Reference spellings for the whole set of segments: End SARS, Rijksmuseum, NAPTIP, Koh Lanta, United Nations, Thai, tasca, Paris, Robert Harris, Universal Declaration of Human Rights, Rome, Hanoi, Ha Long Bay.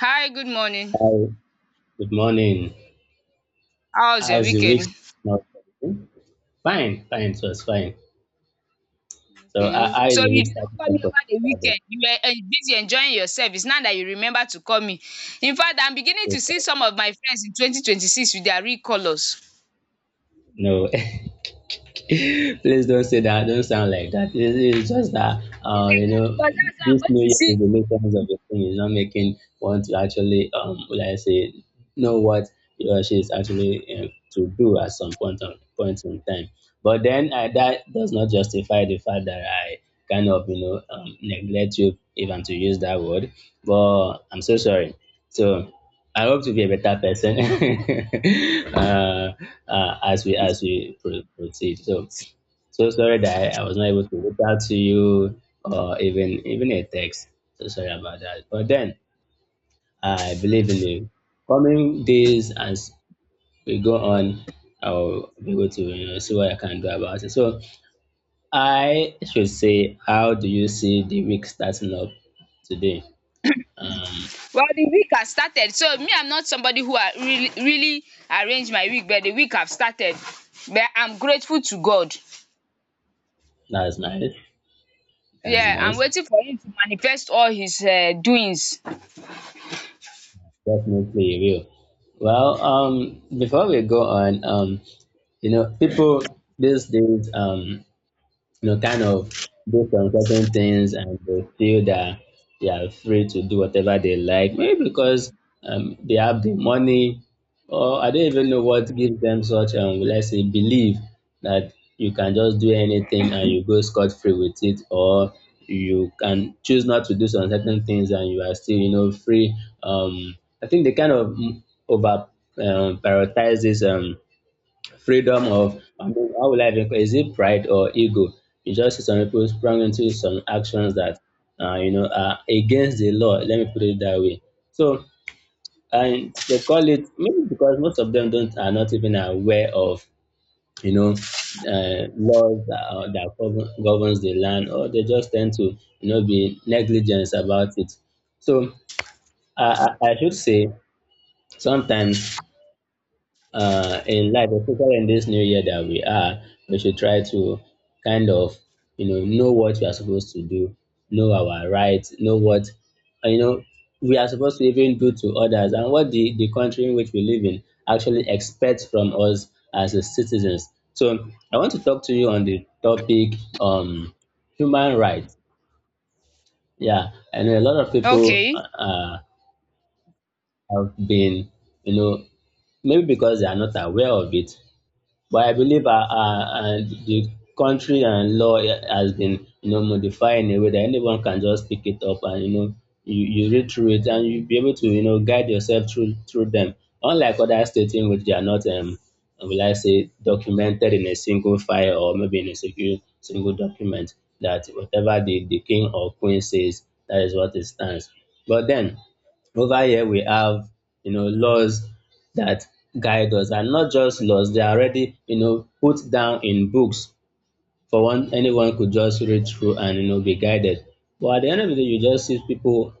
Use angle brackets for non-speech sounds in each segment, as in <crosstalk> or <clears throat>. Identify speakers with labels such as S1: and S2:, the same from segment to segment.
S1: Hi, good morning.
S2: Hi, good morning.
S1: How's your
S2: How's the week
S1: weekend?
S2: starting out for you? Fine, fine, it was fine. So,
S1: Okay.
S2: how
S1: So
S2: is the
S1: you
S2: week
S1: did not
S2: starting
S1: call me
S2: out for
S1: over the weekend. You were en busy enjoying yourself. It's now that you remember to call me. In fact, I'm beginning to
S2: you?
S1: see some of my friends in 2026 with their real colours,
S2: No. <laughs> <laughs> Please don't say that. Don't sound like that. It's just that,
S1: because that's how I'm
S2: this
S1: going
S2: New
S1: to
S2: Year
S1: see.
S2: resolutions of the thing is not making one to actually, would I say, know what he or she is actually to do at some point in time. But then that does not justify the fact that I kind of, neglect you, even to use that word. But I'm so sorry. So I hope to be a better person. <laughs> uh, as we proceed. So sorry that I was not able to reach out to you or even a text. So sorry about that. But then I believe in the coming days as we go on. I'll be able to see what I can do about it. So I should say, how do you see the week starting up today? Um,
S1: Well, the week has started. So me, I'm not somebody who are really arrange my week, but the week have started. But I'm grateful to God.
S2: that's nice. That's
S1: Yeah, I'm
S2: nice.
S1: waiting for him to manifest all his doings.
S2: Definitely will. Well, before we go on, people these days, kind of do some certain things and they feel that they are free to do whatever they like, maybe because they have the money, or I don't even know what gives them such, let's say, belief that you can just do anything and you go scot free with it, or you can choose not to do some certain things and you are still, free. Um, I think they kind of over prioritize this. Freedom of I mean, how will I even is it pride or ego? You just see some people sprung into some actions that are against the law. Let me put it that way. So and they call it maybe because most of them don't are not even aware of you know laws that, that governs the land, or they just tend to be negligent about it. So I, I should say sometimes in life, especially in this new year that we are, we should try to kind of, know what we are supposed to do, know our rights, know what, uh, you know, we are supposed to even do to others and what the country in which we live in actually expects from us as a citizens. So I want to talk to you on the topic human rights. Yeah, and a lot of people
S1: Okay.
S2: have been, you know, maybe because they are not aware of it, but I believe the country and law has been modified in a way that anyone can just pick it up and you read through it and you'll be able to guide yourself through them. Unlike other states in which they are not will I say documented in a single file or maybe in a single document that whatever the king or queen says that is what it stands. But then over here we have laws that guide us and not just laws they are already put down in books for one anyone could just read through and be guided but at the end of the day you just see people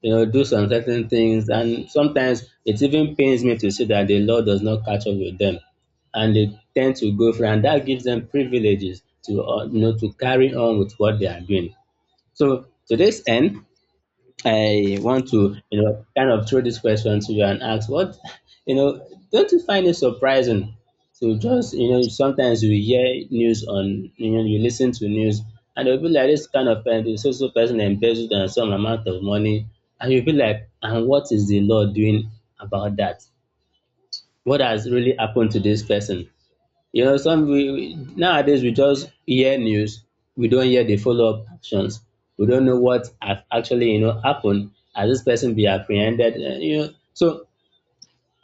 S2: do some certain things and sometimes it even pains me to see that the law does not catch up with them and they tend to go free and that gives them privileges to to carry on with what they are doing. So to this end I want to, kind of throw this question to you and ask what, <laughs> you know, don't you find it surprising to just, sometimes you hear news on, you listen to news and you'll be like, this kind of person, this social person embezzled and some amount of money. And you'll be like, and what is the law doing about that? What has really happened to this person? Nowadays we just hear news, we don't hear the follow-up actions. We don't know what have actually happened. Has this person be apprehended? So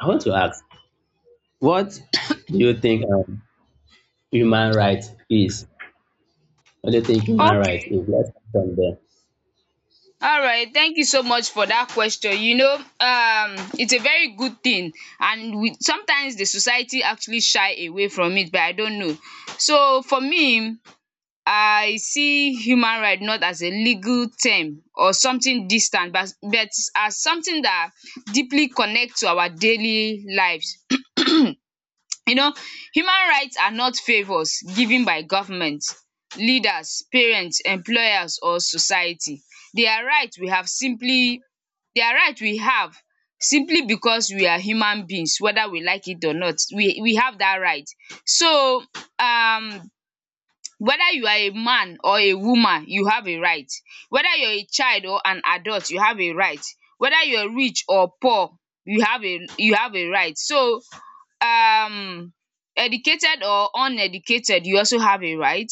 S2: I want to ask, what <laughs> do you think human right is? What do you think human right
S1: Okay.
S2: is? Let's start from there.
S1: Alright, thank you so much for dat question. You know, it's a very good thing, and we sometimes the society actually shy away from it, but I don't know. So for me, I see human right not as a legal term or something distant, but as something dat deeply connect to our daily lives. You know, human rights are not favors given by government, leaders, parents, employers or society. They are right we have simply they are right we have simply because we are human beings, whether we like it or not. We have that right. So, um, whether you are a man or a woman, you have a right. Whether you are a child or an adult, you have a right. Whether you are rich or poor, you have a right. So, um, educated or uneducated, you also have a right.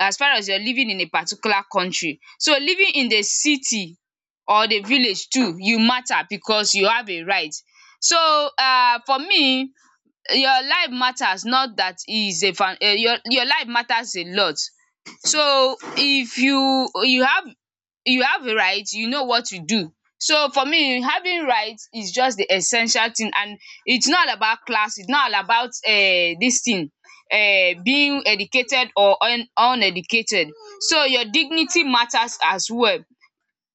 S1: As far as you're living in a particular country, so living in the city or the village too, you matter because you have a right. So, um, for me, your life matters. Not that it is a fan, um, your life matters a lot. So if you have a right, you know what to do. So for me, having rights is just the essential thing. And it's not all about class, it's not all about this thing, being educated or un uneducated. So your dignity matters as well,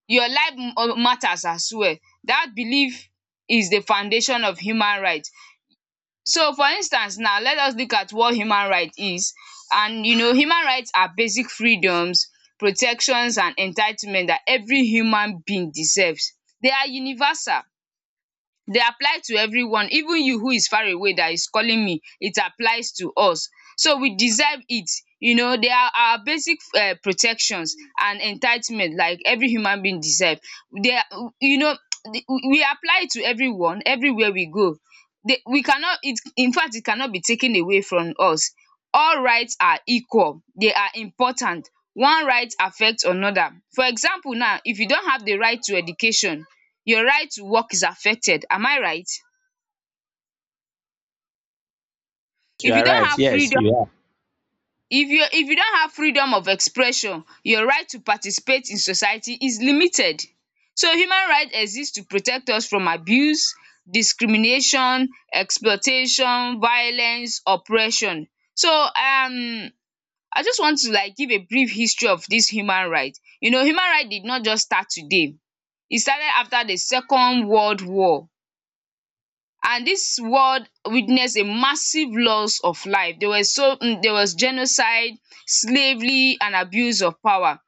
S1: your matters as well. That belief is the foundation of human right. So for instance, now let us look at what human right is. And you know, human rights are basic freedoms, protections and entitlement that every human being deserves. They are universal. They apply to everyone. Even you who is far away that is calling me, it applies to us. So we deserve it. You know, they are our basic protections and entitlement like every human being deserve. They are, you know, <tsk> we apply to everyone everywhere we go. They, we cannot, it infact it cannot be taken away from us. All rights are equal, they are important, one right affect another. For example, now if you don't have the right to education, your right to work is affected. Am I right?
S2: You
S1: If you
S2: are
S1: don't
S2: right.
S1: have
S2: Yes,
S1: freedom
S2: you are.
S1: if you don't have freedom of expression, your right to participate in society is limited. So human right exist to protect us from abuse, discrimination, exploitation, violence, oppression. So, um, I just want to like give a brief history of dis human right. You know, human right did not just start today. E started after the second world war, and this world witnessed a massive loss of life. There was so, there was genocide, slavery, and abuse of power.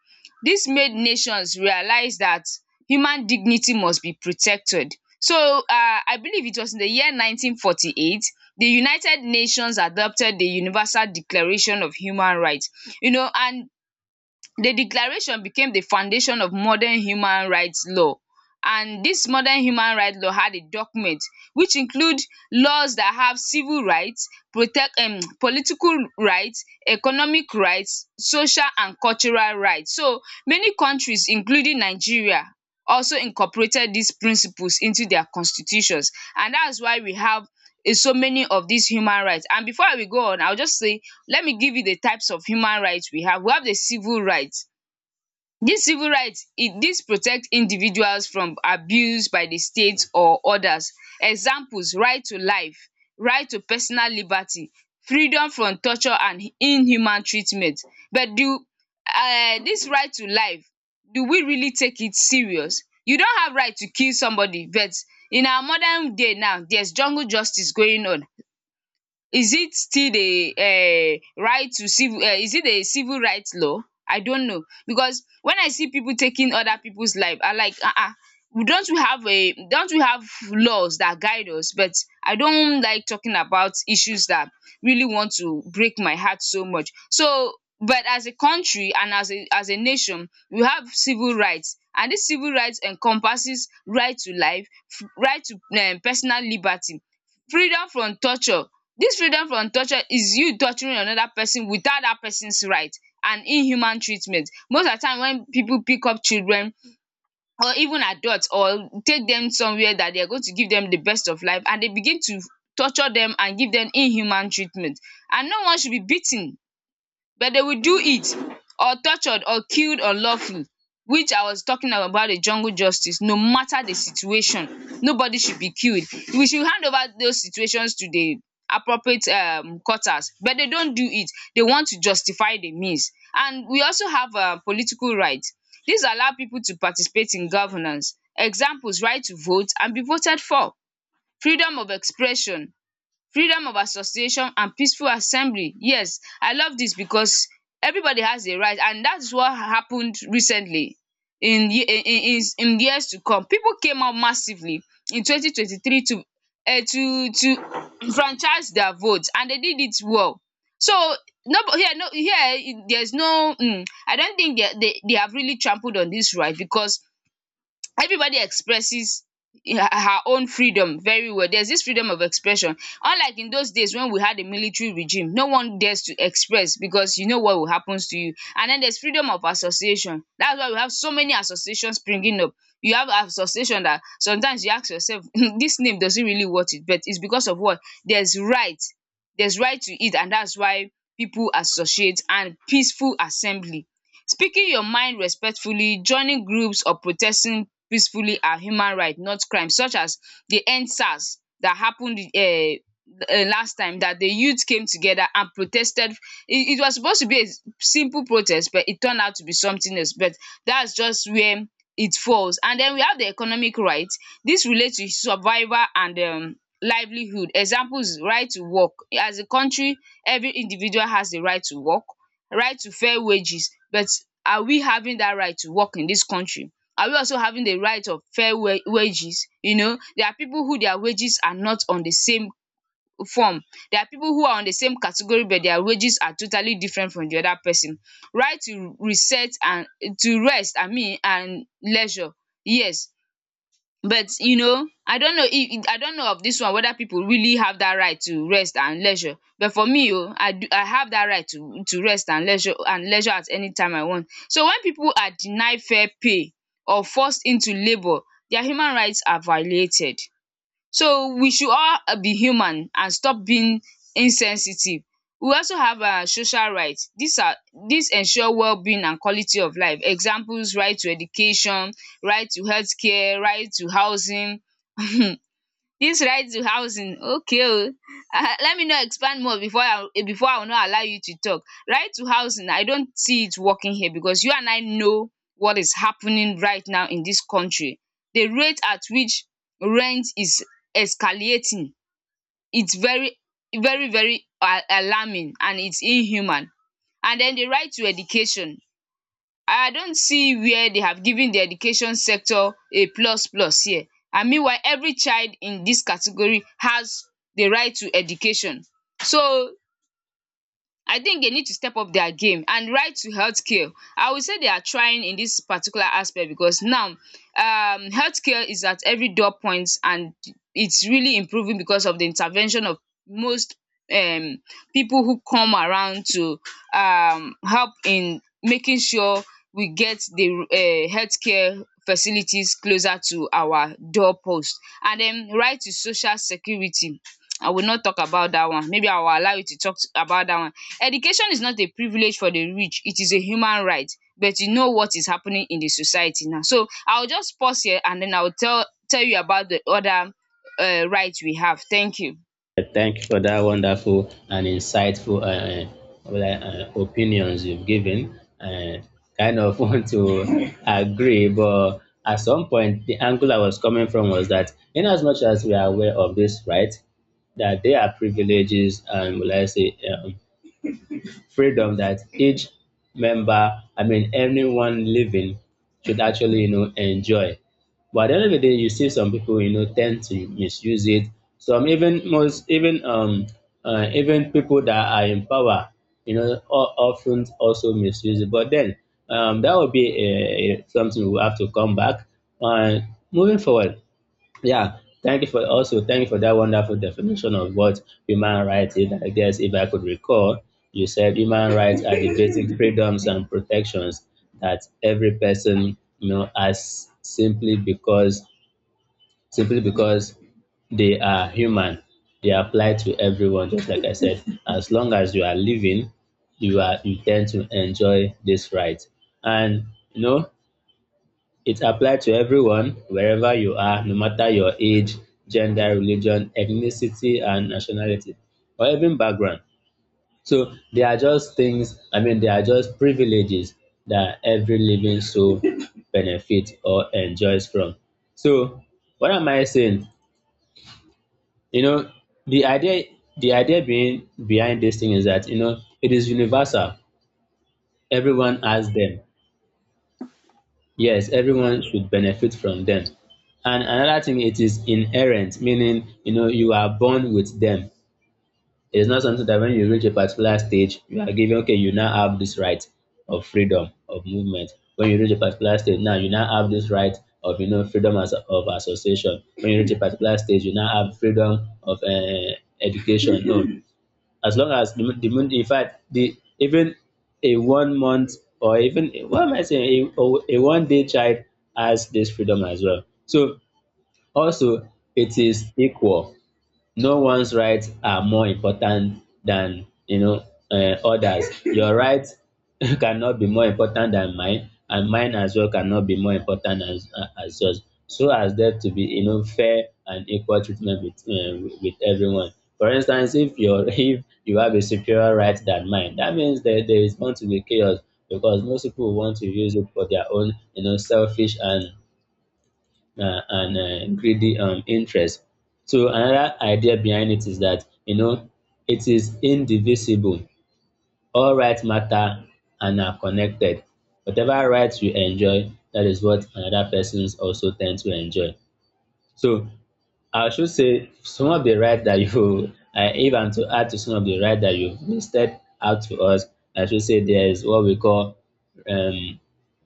S1: This made nations realize that human dignity must be protected. So, um, I believe it was in the year 1948 the United Nations adopted the Universal Declaration of Human Rights. You know, and the declaration became the foundation of modern human rights law. And this modern human right law had a document which include laws that have civil rights, protect, um, political rights, economic rights, social and cultural rights. So many countries including Nigeria also incorporated these principles into their constitutions, and that's why we have, um, so many of these human rights. And before we go on, I'll just say let me give you the types of human rights we have. We have the civil rights. These civil rights, these protect individuals from abuse by the state or others. Examples, right to life, right to personal liberty, freedom from torture and inhuman treatment. But do, dis right to life, do we really take it serious? You don't have right to kill somebody, but in our modern day now there's jungle justice going on. Is it still the, um, right to civil, um, is it a civil rights law? I don't know, because when I see people taking other people's life, I like, don't we have a don't we have laws that guide us? But I don't like talking about issues that really want to break my heart so much. So but as a country and as a nation, we have civil rights, and this civil rights encompasses right to life, right to, um, personal liberty, freedom from torture. Dis freedom from torture is you torturing another person without dat person's right, and inhuman treatment. Most of the time when pipu pick up children or even adult, or take dem somewhere dat they are going to give dem the best of life, and they begin to torture dem and give dem inhuman treatment. And no one should be beaten, but they will do it, or tortured or killed unlawfully, which I was talking about the jungle justice. No matter the situation, nobody should be killed. We should hand over those situations to the appropriate, um, quarters, but they don't do it. They want to justify the means. And we also have, um, political right. This allow people to participate in governance. Examples, right to vote and be voted for, freedom of expression, freedom of association and peaceful assembly. Yes, I love this because everybody has a right, and that is what happened recently in in years to come. People came out massively in 2023 to franchise their vote, and they did it well. So no here there is no, um, I don't think they have really trampled on this right, because everybody expresses her own freedom very well. There's this freedom of expression. Unlike in those days when we had a military regime, no one dares to express because you know what will happens to you. And then there's freedom of association. That's why we have so many associations springing up. You have association that sometimes you ask yourself <laughs> this name does it really worth it, but it's because of what? There's right. There's right to it, and that's why people associate and peaceful assembly. Speaking your mind respectfully, joining groups or protesting peacefully are human right, not crime, such as the End SARS that happened, um, last time that the youth came together and protested. It was supposed to be a simple protest, but it turned out to be something else. But that's just where it falls. And then we have the economic right. This relates to survival and, um, livelihood. Examples, right to work. As a country, every individual has the right to work, right to fair wages. But are we having that right to work in this country? Are we also having the right of fair wa wages? You know, there are people who their wages are not on the same form. There are people who are on the same category, but their wages are totally different from the other person. Right to reset and to rest, I mean, and leisure. Yes, but you know, I don't know of this one whether people really have that right to rest and leisure. But for me, o, I do, I have that right to rest and leisure at anytime I want. So when people are denied fair pay or forced into labour, their human rights are violated. So we should all, be human and stop being insensitive. We also have our social right. These are these ensure wellbeing and quality of life. Examples, right to education, right to healthcare, right to housing. <laughs> Dis right to housing, okay o, <laughs> let me no expand more before before I will not allow you to talk. Right to housing, I don't see it working here because you and I know what is happening right now in dis country. The rate at which rent is escalating, it's very alarming, and it's inhuman. And den the right to education, I don't see where they have given the education sector a plus plus here. And meanwhile, every child in this category has the right to education. So I think they need to step up their game. And right to healthcare. I will say they are trying in this particular aspect because now, healthcare is at every door point and it's really improving because of the intervention of most, um people who come around to help in making sure we get the healthcare facilities closer to our door post. And then right to social security. I will not talk about that one. Maybe I will allow you to about that one. Education is not a privilege for the rich. It is a human right. But you know what is happening in the society now. So I will just pause here and then I will tell you about the other right we have. Thank you.
S2: Thank you for that wonderful and insightful opinions you've given. Kind of <laughs> want to agree, but at some point, the angle I was coming from was that, in as much as we are aware of this, right, that there are privileges and will I say um, freedom that each member, I mean, anyone living should actually, enjoy. But at the end of the day, you see some people, tend to misuse it. Some even most even even people that are in power, you know, o- often also misuse it. But then that would be something we have to come back. Uh, moving forward, yeah, thank you for that wonderful definition of what human rights is. I guess if I could recall, you said human rights are the basic freedoms and protections that every person has simply because they are human. They apply to everyone, just like I said. As long as you are living, you tend to enjoy this right. And you know, it applies to everyone, wherever you are, no matter your age, gender, religion, ethnicity and nationality, or even background. So they are just things, I mean, they are just privileges that every living soul <laughs> benefits or enjoys from. So what am I saying? You know, the idea the idea being behind this thing is that it is universal. Everyone has them. Yes, everyone should benefit from them. And another thing, it is inherent, meaning you are born with them. It is not something that when you reach a particular stage, you are given okay, you now have this right of freedom of movement. When you reach a particular stage, now you now have this right of freedom of association. When you reach a particular stage, you now have freedom of education. No, as long as the moon, in fact the even a one month or even what am I saying a one day child has this freedom as well. So also it is equal. No one's rights are more important than others. Your right <laughs> cannot be more important than mine and mine as well cannot be more important as yours. So as there to be fair and equal treatment with everyone. For instance if your <laughs> if you have a superior right than mine that means there is bound to be chaos because most people want to use it for their own selfish and greedy interest. So another idea behind it is that it is indivisible. All rights matter and are connected. Whatever rights you enjoy, that is what another persons also tend to enjoy. So I should say some of the rights that <laughs> if I'm to add to some of the rights that you've listed out to us, I should say there is what we call um,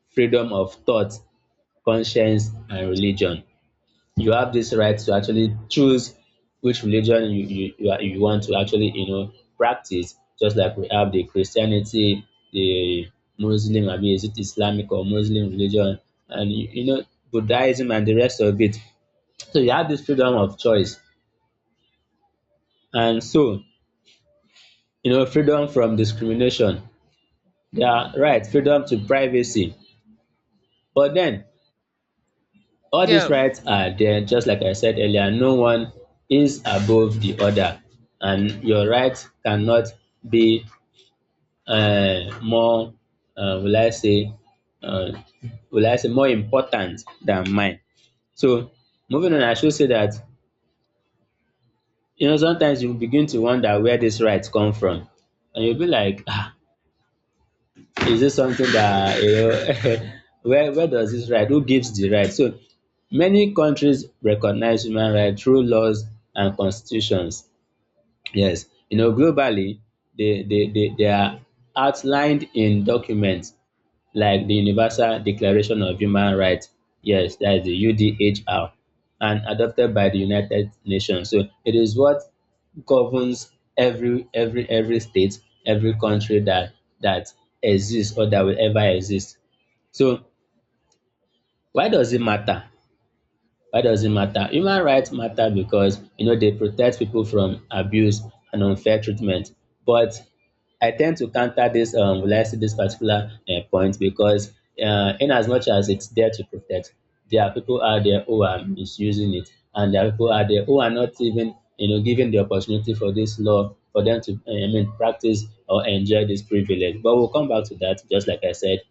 S2: freedom of thought, conscience, and religion. You have this right to actually choose which religion you want to actually practice, just like we have the Christianity, the Muslim, I mean is it Islamic or Muslim religion, and Buddhism and the rest of it. So you have this freedom of choice and so freedom from discrimination, yeah, right, freedom to privacy. But then all these
S1: Yeah.
S2: rights are there, just like I said earlier, no one is above the other, and your rights cannot be more, uh, will I say, uh, will I say, more important than mine. So, moving on, I should say that, sometimes you begin to wonder where these rights come from, and you'll be like, ah, is this something that <laughs> where does this right who gives the right. So many countries recognize human rights through laws and constitutions, yes, globally they are outlined in documents like the Universal Declaration of Human Rights, yes, that is the UDHR, and adopted by the United Nations. So it is what governs every state, every country that that exists or that will ever exist. So why does it matter? Why does it matter? Human rights matter because they protect people from abuse and unfair treatment. But I tend to counter this will I say this particular point because in as much as it's there to protect, there are people out there who are misusing it, and there are people out there who are not even given the opportunity for this law for them to practice or enjoy this privilege. But we'll come back to that just like I said.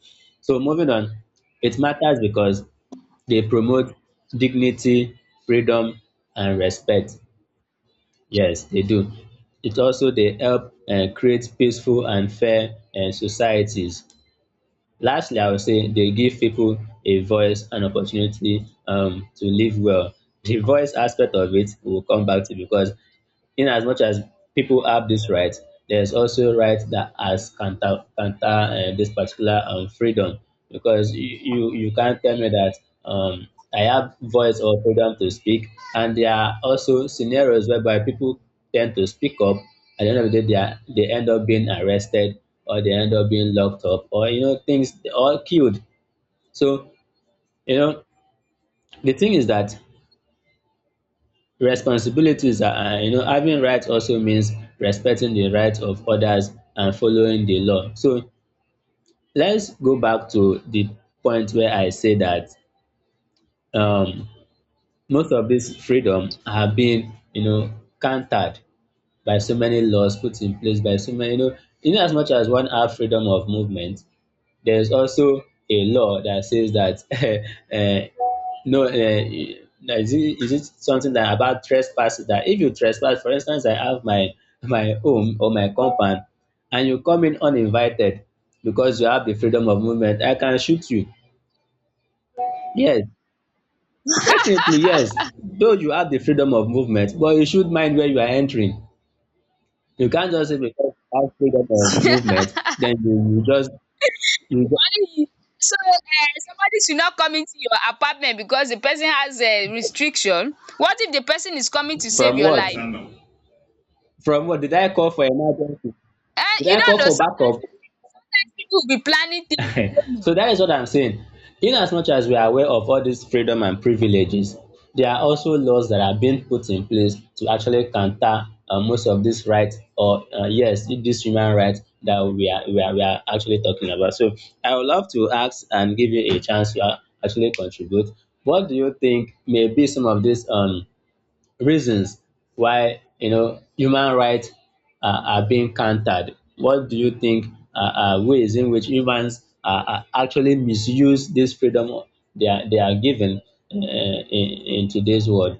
S2: So moving on, it matters because they promote dignity, freedom and respect. Yes, they do. It also They help create peaceful and fair societies. Lastly, I would say they give people a voice and opportunity to live well. The voice aspect of it we will come back to because in as much as people have this right, there's also right that has counter this particular freedom because you can't tell me that um, I have voice or freedom to speak, and there are also scenarios whereby people tend to speak up. At the end of the day, they end up being arrested or they end up being locked up or you know things or killed. So you know the thing is that Responsibilities are you know, having rights also means respecting the rights of others and following the law. So let's go back to the point where I say that um, most of these freedom have been, countered by so many laws put in place by so many, in as much as one have freedom of movement, there's also a law that says that <laughs> uh, no, is it, something that about trespass that if you trespass, for instance, I have my home or my compound, and you come in uninvited because you have the freedom of movement, I can shoot you. Yes, definitely yes. Though you have the freedom of movement, but you should mind where you are entering. You can't just say because you have freedom of
S1: <laughs>
S2: movement, then you just you just,
S1: So, somebody should not come into your apartment because the person has a restriction. What if the person is coming to save
S2: from
S1: your
S2: what?
S1: life?
S2: From what did I call for emergency? Did
S1: You
S2: I
S1: don't
S2: call
S1: know,
S2: for backup?
S1: sometimes people will be planning things
S2: <laughs>
S1: you don't know.
S2: So that is what I'm saying. In as much as we are aware of all these freedom and privileges, there are also laws that are being put in place to actually counter most of these rights or yes, these human rights that we are actually talking about. So I would love to ask and give you a chance to actually contribute. What do you think may be some of these reasons why human rights are being countered? What do you think uh, are ways in which humans are actually misuse this freedom they are given uh, in, in today's world?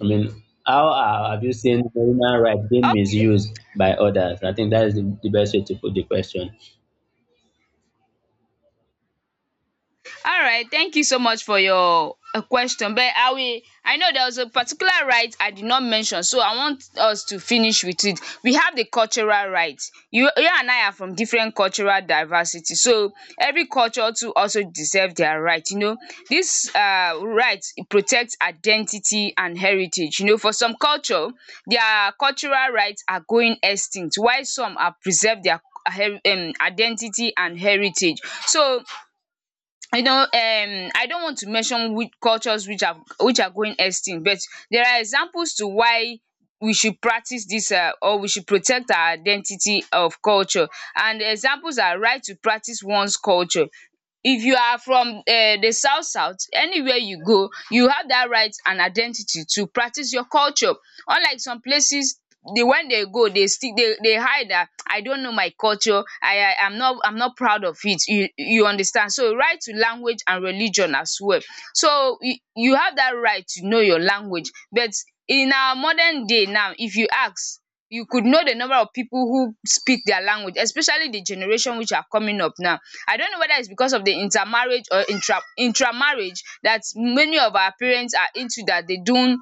S2: I mean, have you seen human rights being
S1: Okay.
S2: misused by others? I think that is the best way to put the question.
S1: Alright, thank you so much for your question, but I know there was a particular right I did not mention, so I want us to finish with it. We have the cultural right. You and I are from different cultural diversity, so every culture too also deserve their right, you know. Dis right protect identity and heritage, you know. For some culture their cultural right are going extinct while some are preserve their identity and heritage. So you know, I don't want to mention which cultures which are going extinct, but there are examples to why we should practice dis or we should protect our identity of culture. And examples are right to practice one's culture. If you are from the south south, anywhere you go, you have that right and identity to practice your culture. Unlike some places, they, when they go, they still they hide that, "I don't know my culture, I am not I'm not proud of it." You understand. So right to language and religion as well. So you have that right to know your language, but in our modern day now, if you ask, you could know the number of people who speak their language, especially the generation which are coming up now. I don't know whether it's because of the intermarriage or intramarriage that many of our parents are into, that they don't,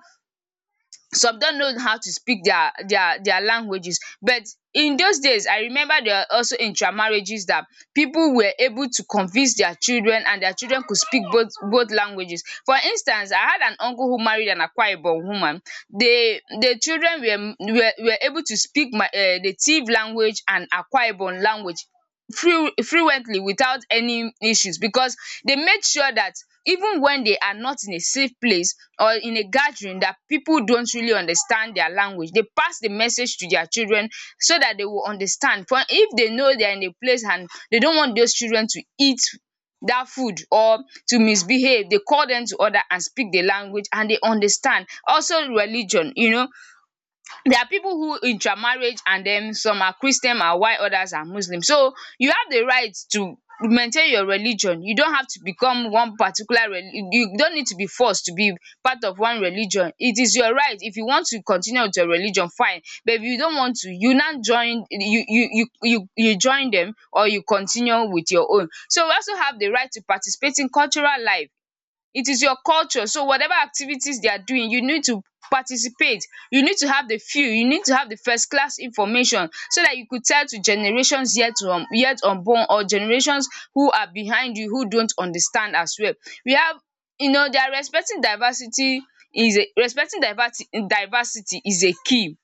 S1: some don't know how to speak their languages. But in those days, I remember there are also intermarriages that people were able to convince their children, and their children could speak both languages. For instance, I had an uncle who married an Akwa Ibom woman. The children were able to speak my the Tiv language and Akwa Ibom language fluently without any issues, because they made sure that even when they are not in a safe place or in a gathering that people don't really understand their language, they pass the message to their children so that they will understand. For if they know they are in a place and they don't want those children to eat that food or to misbehave, they call them to order and speak the language and they understand. Also religion, you know, there are people who intermarriage, and then some are Christian and while others are Muslim. So you have the right to maintain your religion. You don't have to become one particular reli you don't need to be forced to be part of one religion. It is your right. If you want to continue with your religion, fine. But if you don't want to, you now join, you join them, or you continue with your own. So we also have the right to participate in cultural life. It is your culture. So whatever activities they are doing, you need to participate. You need to have the feel. You need to have the first class information, so that you could tell to generations yet unborn, or generations who are behind you who don't understand as well. We have, you know, they are respecting diversity, is a respecting diversity diversity is a key,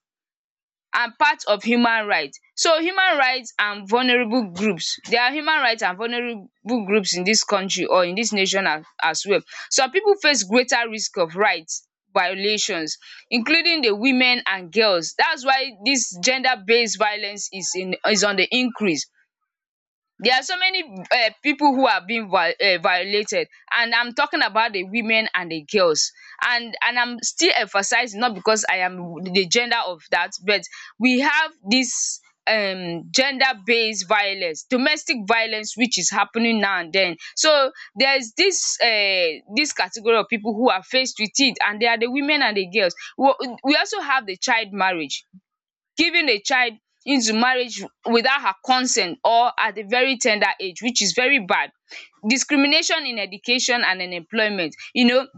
S1: are part of human right. So human right and vulnerable groups, there are human right and vulnerable groups in dis country or in dis nation as well. Some pipu face greater risk of right violations, including the women and girls. Dats why dis gender based violence is in is on the increase. There are so many people who are being violated, and I'm talking about the women and the girls. And I'm still emphasizing not because I am the gender of that, but we have this gender based violence, domestic violence, which is happening now and then. So there's this, this category of people who are faced with it, and they are the women and the girls. We also have the child marriage. Giving a child into marriage without her consent or at a very tender age, which is very bad. Discrimination in education and in employment. You know,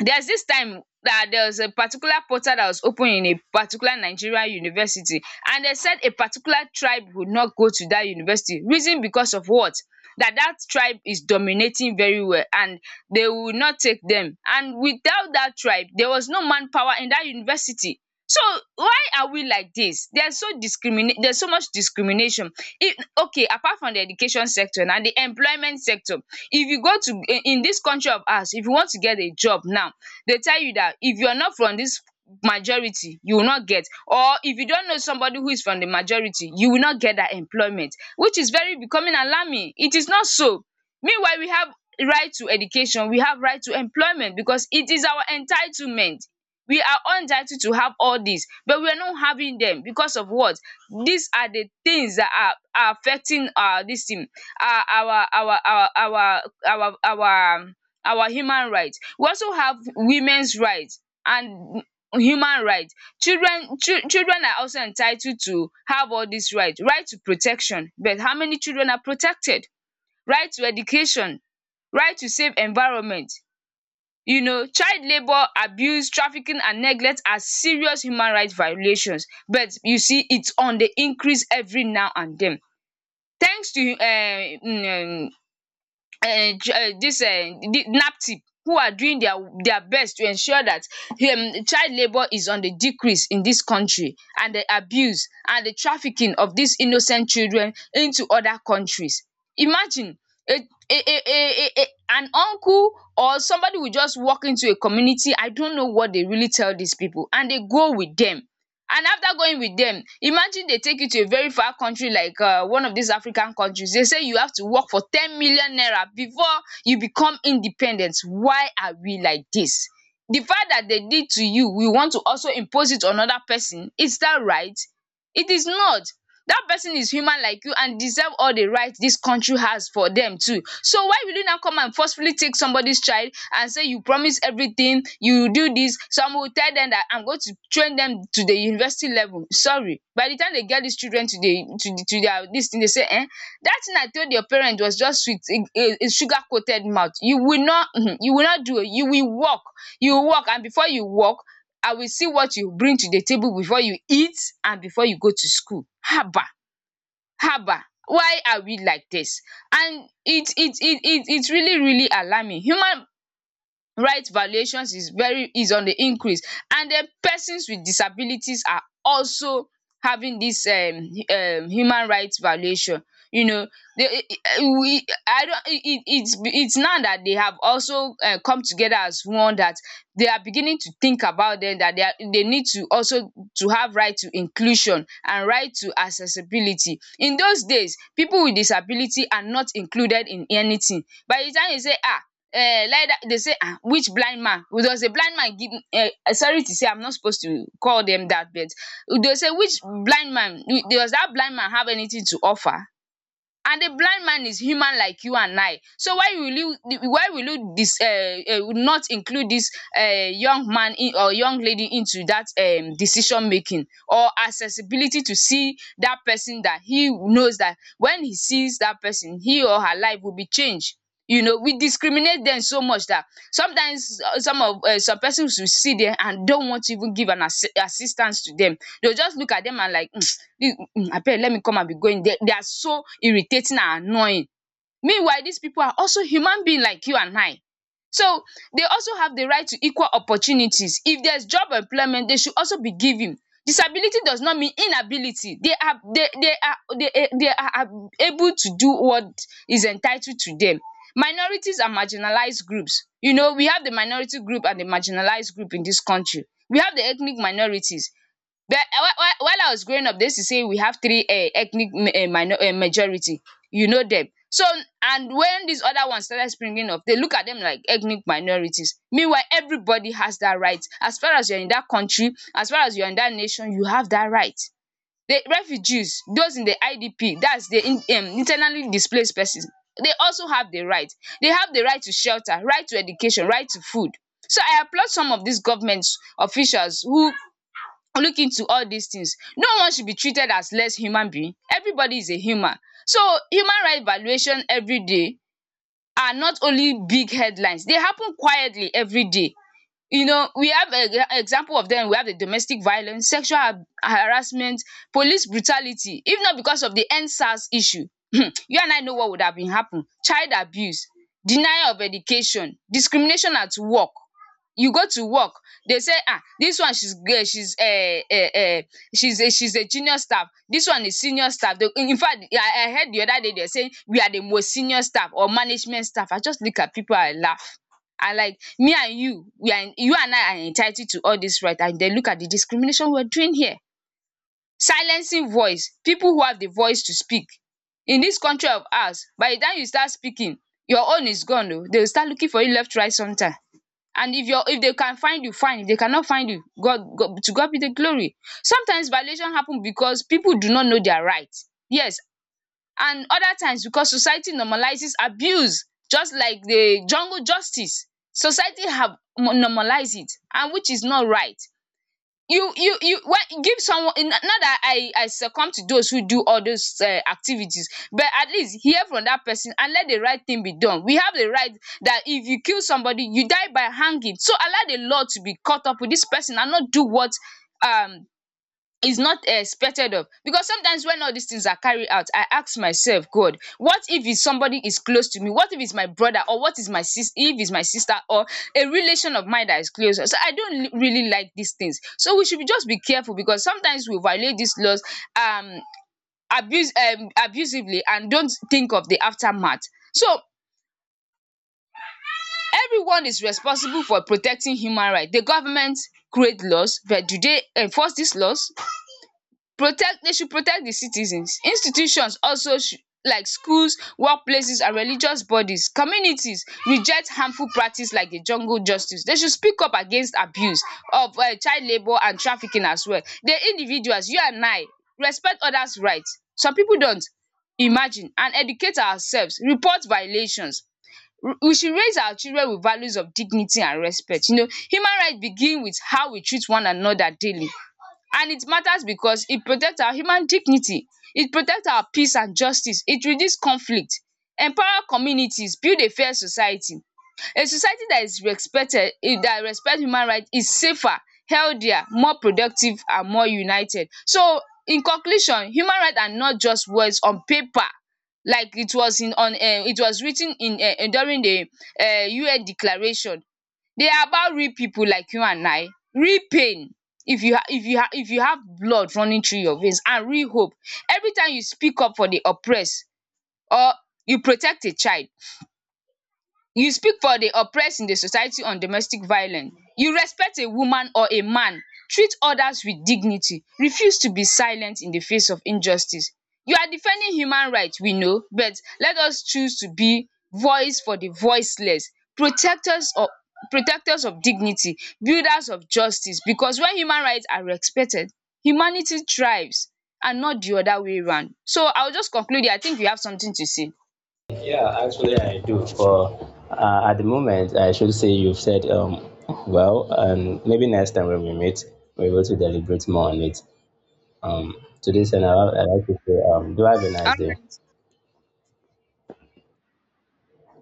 S1: there's this time that there was a particular portal that was open in a particular Nigerian university, and they said a particular tribe would not go to that university. Reason because of what? That tribe is dominating very well, and they will not take them, and without that tribe there was no manpower in that university. So why are we like dis? There's so discrimi there's so much discrimination. If, okay, apart from the education sector, na the employment sector. If you go to in dis country of ours, if you want to get a job now, they tell you dat if you're not from dis majority you will not get, or if you don't know somebody who is from the majority, you will not get dat employment, which is very becoming alarming. It is not so. Meanwhile, we have right to education, we have right to employment, because it is our entitlement. We are untitled to have all these, but we are not having them because of what? These are the things that are affecting our this thing, our our our our our our our our human right. We also have women's right and human right. Children, children are also entitled to have all these right. Right to protection, but how many children are protected? Right to education, right to safe environment. You know, child labour, abuse, trafficking and neglect are serious human right violations, but you see it's on the increase every now and then. Thanks to um dis naptip who are doing their best to ensure that child labour is on the decrease in dis country, and the abuse and the trafficking of dis innocent children into other countries. Imagine a a an uncle or somebody will just walk into a community, I don't know what they really tell dis people, and they go with dem. And after going with them, imagine they take you to a very far country like one of these African countries. They say you have to work for 10 million naira before you become independent. Why are we like this? The fact that they did to you, we want to also impose it on other person. Is that right? It is not. That person is human like you, and deserve all the right this country has for them too. So why will you now come and forcefully take somebody's child and say you promise everything, you do this. Some will tell them that I'm going to train them to the university level. Sorry, by the time they get these children to the to the to their this thing, they say, that thing I told your parent was just sweet, a sugar coated mouth. You will not <laughs> you will not do, it. You will walk. You will walk, and before you walk, I will see what you bring to the table before you eat and before you go to school. Haba! Haba! Why are we like this? And it's really really alarming. Human right valuations is very is on the increase. And then persons with disabilities are also having this human rights valuation, you know. They eh, eh, we I don't it's now that they have also come together as one, that they are beginning to think about them, that they need to also to have right to inclusion and right to accessibility. In those days, people with disability are not included in anything. By the time you say, "Ah, lie down," they say, "Ah, which blind man?" There was a blind man, give, sorry to say, I'm not supposed to call them that, but they say, "Which blind man, does that blind man have anything to offer?" And the blind man is human like you and I, so why will you dis not include this young man in, or young lady into that decision making or accessibility to see that person, that he knows that when he sees that person he or her life will be changed. You know, we discriminate them so much that sometimes some persons will see them and don't want to even give an assistance to them. They'll just look at them and like, "I you- mm, let me come and be going. They are so irritating and annoying." Meanwhile, these people are also human being like you and I. So they also have the right to equal opportunities. If there's job employment, they should also be given. Disability does not mean inability. They are they are they are able to do what is entitled to them. Minorities and marginalized groups. You know, we have the minority group and the marginalized group in this country. We have the ethnic minorities. But while I was growing up they used to say we have three ethnic minor majority, you know them. So and when these other ones started springing up they look at them like ethnic minorities. Meanwhile everybody has that right. As far as you are in that country, as far as you are in that nation, you have that right. The refugees, those in the IDP, that's the internally displaced persons, they also have the right. They have the right to shelter, right to education, right to food. So I applaud some of these government officials who look into all these things. No one should be treated as less human being. Everybody is a human. So human right valuation every day are not only big headlines, they happen quietly every day. You know, we have a, example of we have the domestic violence, sexual harassment, police brutality. If not because of the End-SARS issue, <clears throat> you and I know what would have been happen. Child abuse, denial of education, discrimination at work. You go to work, they say, "Ah, this one she's great, she's she's a junior staff, this one is senior staff." In fact, I heard the other day they're saying we are the most senior staff or management staff. I just look at people, I laugh. I like, me and you, we are you and I are entitled to all this right, and then look at the discrimination we're doing here. Silencing voice, people who have the voice to speak in this country of ours, by the time you start speaking, your own is gone. Oh, they will start looking for you left right sometime, and if they can find you fine, if they cannot find you, God, God to God be the glory. Sometimes violation happen because people do not know their right. Yes. And other times because society normalizes abuse, just like the jungle justice. Society have normalize it, and which is not right. You when give someone, not that I succumb to those who do all those activities, but at least hear from that person and let the right thing be done. We have the right that if you kill somebody you die by hanging, so allow the law to be caught up with this person and not do what um is not expected of. Because sometimes when all these things are carried out, I ask myself, God, what if it's somebody is close to me, what if it's my brother or what is my sis if it's my sister or a relation of mine that is close. So I don't really like these things. So we should just be careful, because sometimes we violate these laws um abuse abusively and don't think of the aftermath. So everyone is responsible for protecting human rights. The government create laws, but do they enforce these laws? Protect They should protect the citizens. Institutions also should, like schools, workplaces and religious bodies, communities reject harmful practice like the jungle justice. They should speak up against abuse of child labour and trafficking as well. The individuals, you and I, respect others right. Some people don't. Imagine and educate ourselves, report violations. We should raise our children with values of dignity and respect. You know, human right begin with how we treat one another daily. And it matters because it protects our human dignity, it protects our peace and justice, it reduces conflict, empower communities, build a fair society. A society that is respected eh, that respect human right is safer, healthier, more productive and more united. So in conclusion, human right are not just words on paper, like it was in on it was writ ten in during the UN declaration. They are about real people like you and I. Real pain, if you have blood running through your veins, and real hope. Every time you speak up for the oppressed, or you protect a child, you speak for the oppressed in the society on domestic violence. You respect a woman or a man. Treat others with dignity. Refuse to be silent in the face of injustice. You are defending human rights, we know. But let us choose to be voice for the voiceless, protectors of protectors of dignity, builders of justice, because when human rights are respected, humanity thrives and not the other way round. So I will just conclude here. I think you have something to say.
S2: Yeah, actually, I do. For at the moment, I should say you've said well, and maybe next time when we meet, we're able to deliberate more on it. Um, to this, and I would like to say do have a nice day.
S1: Alright,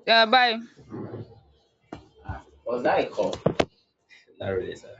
S1: bye.
S2: Was that a call? Not really, sir.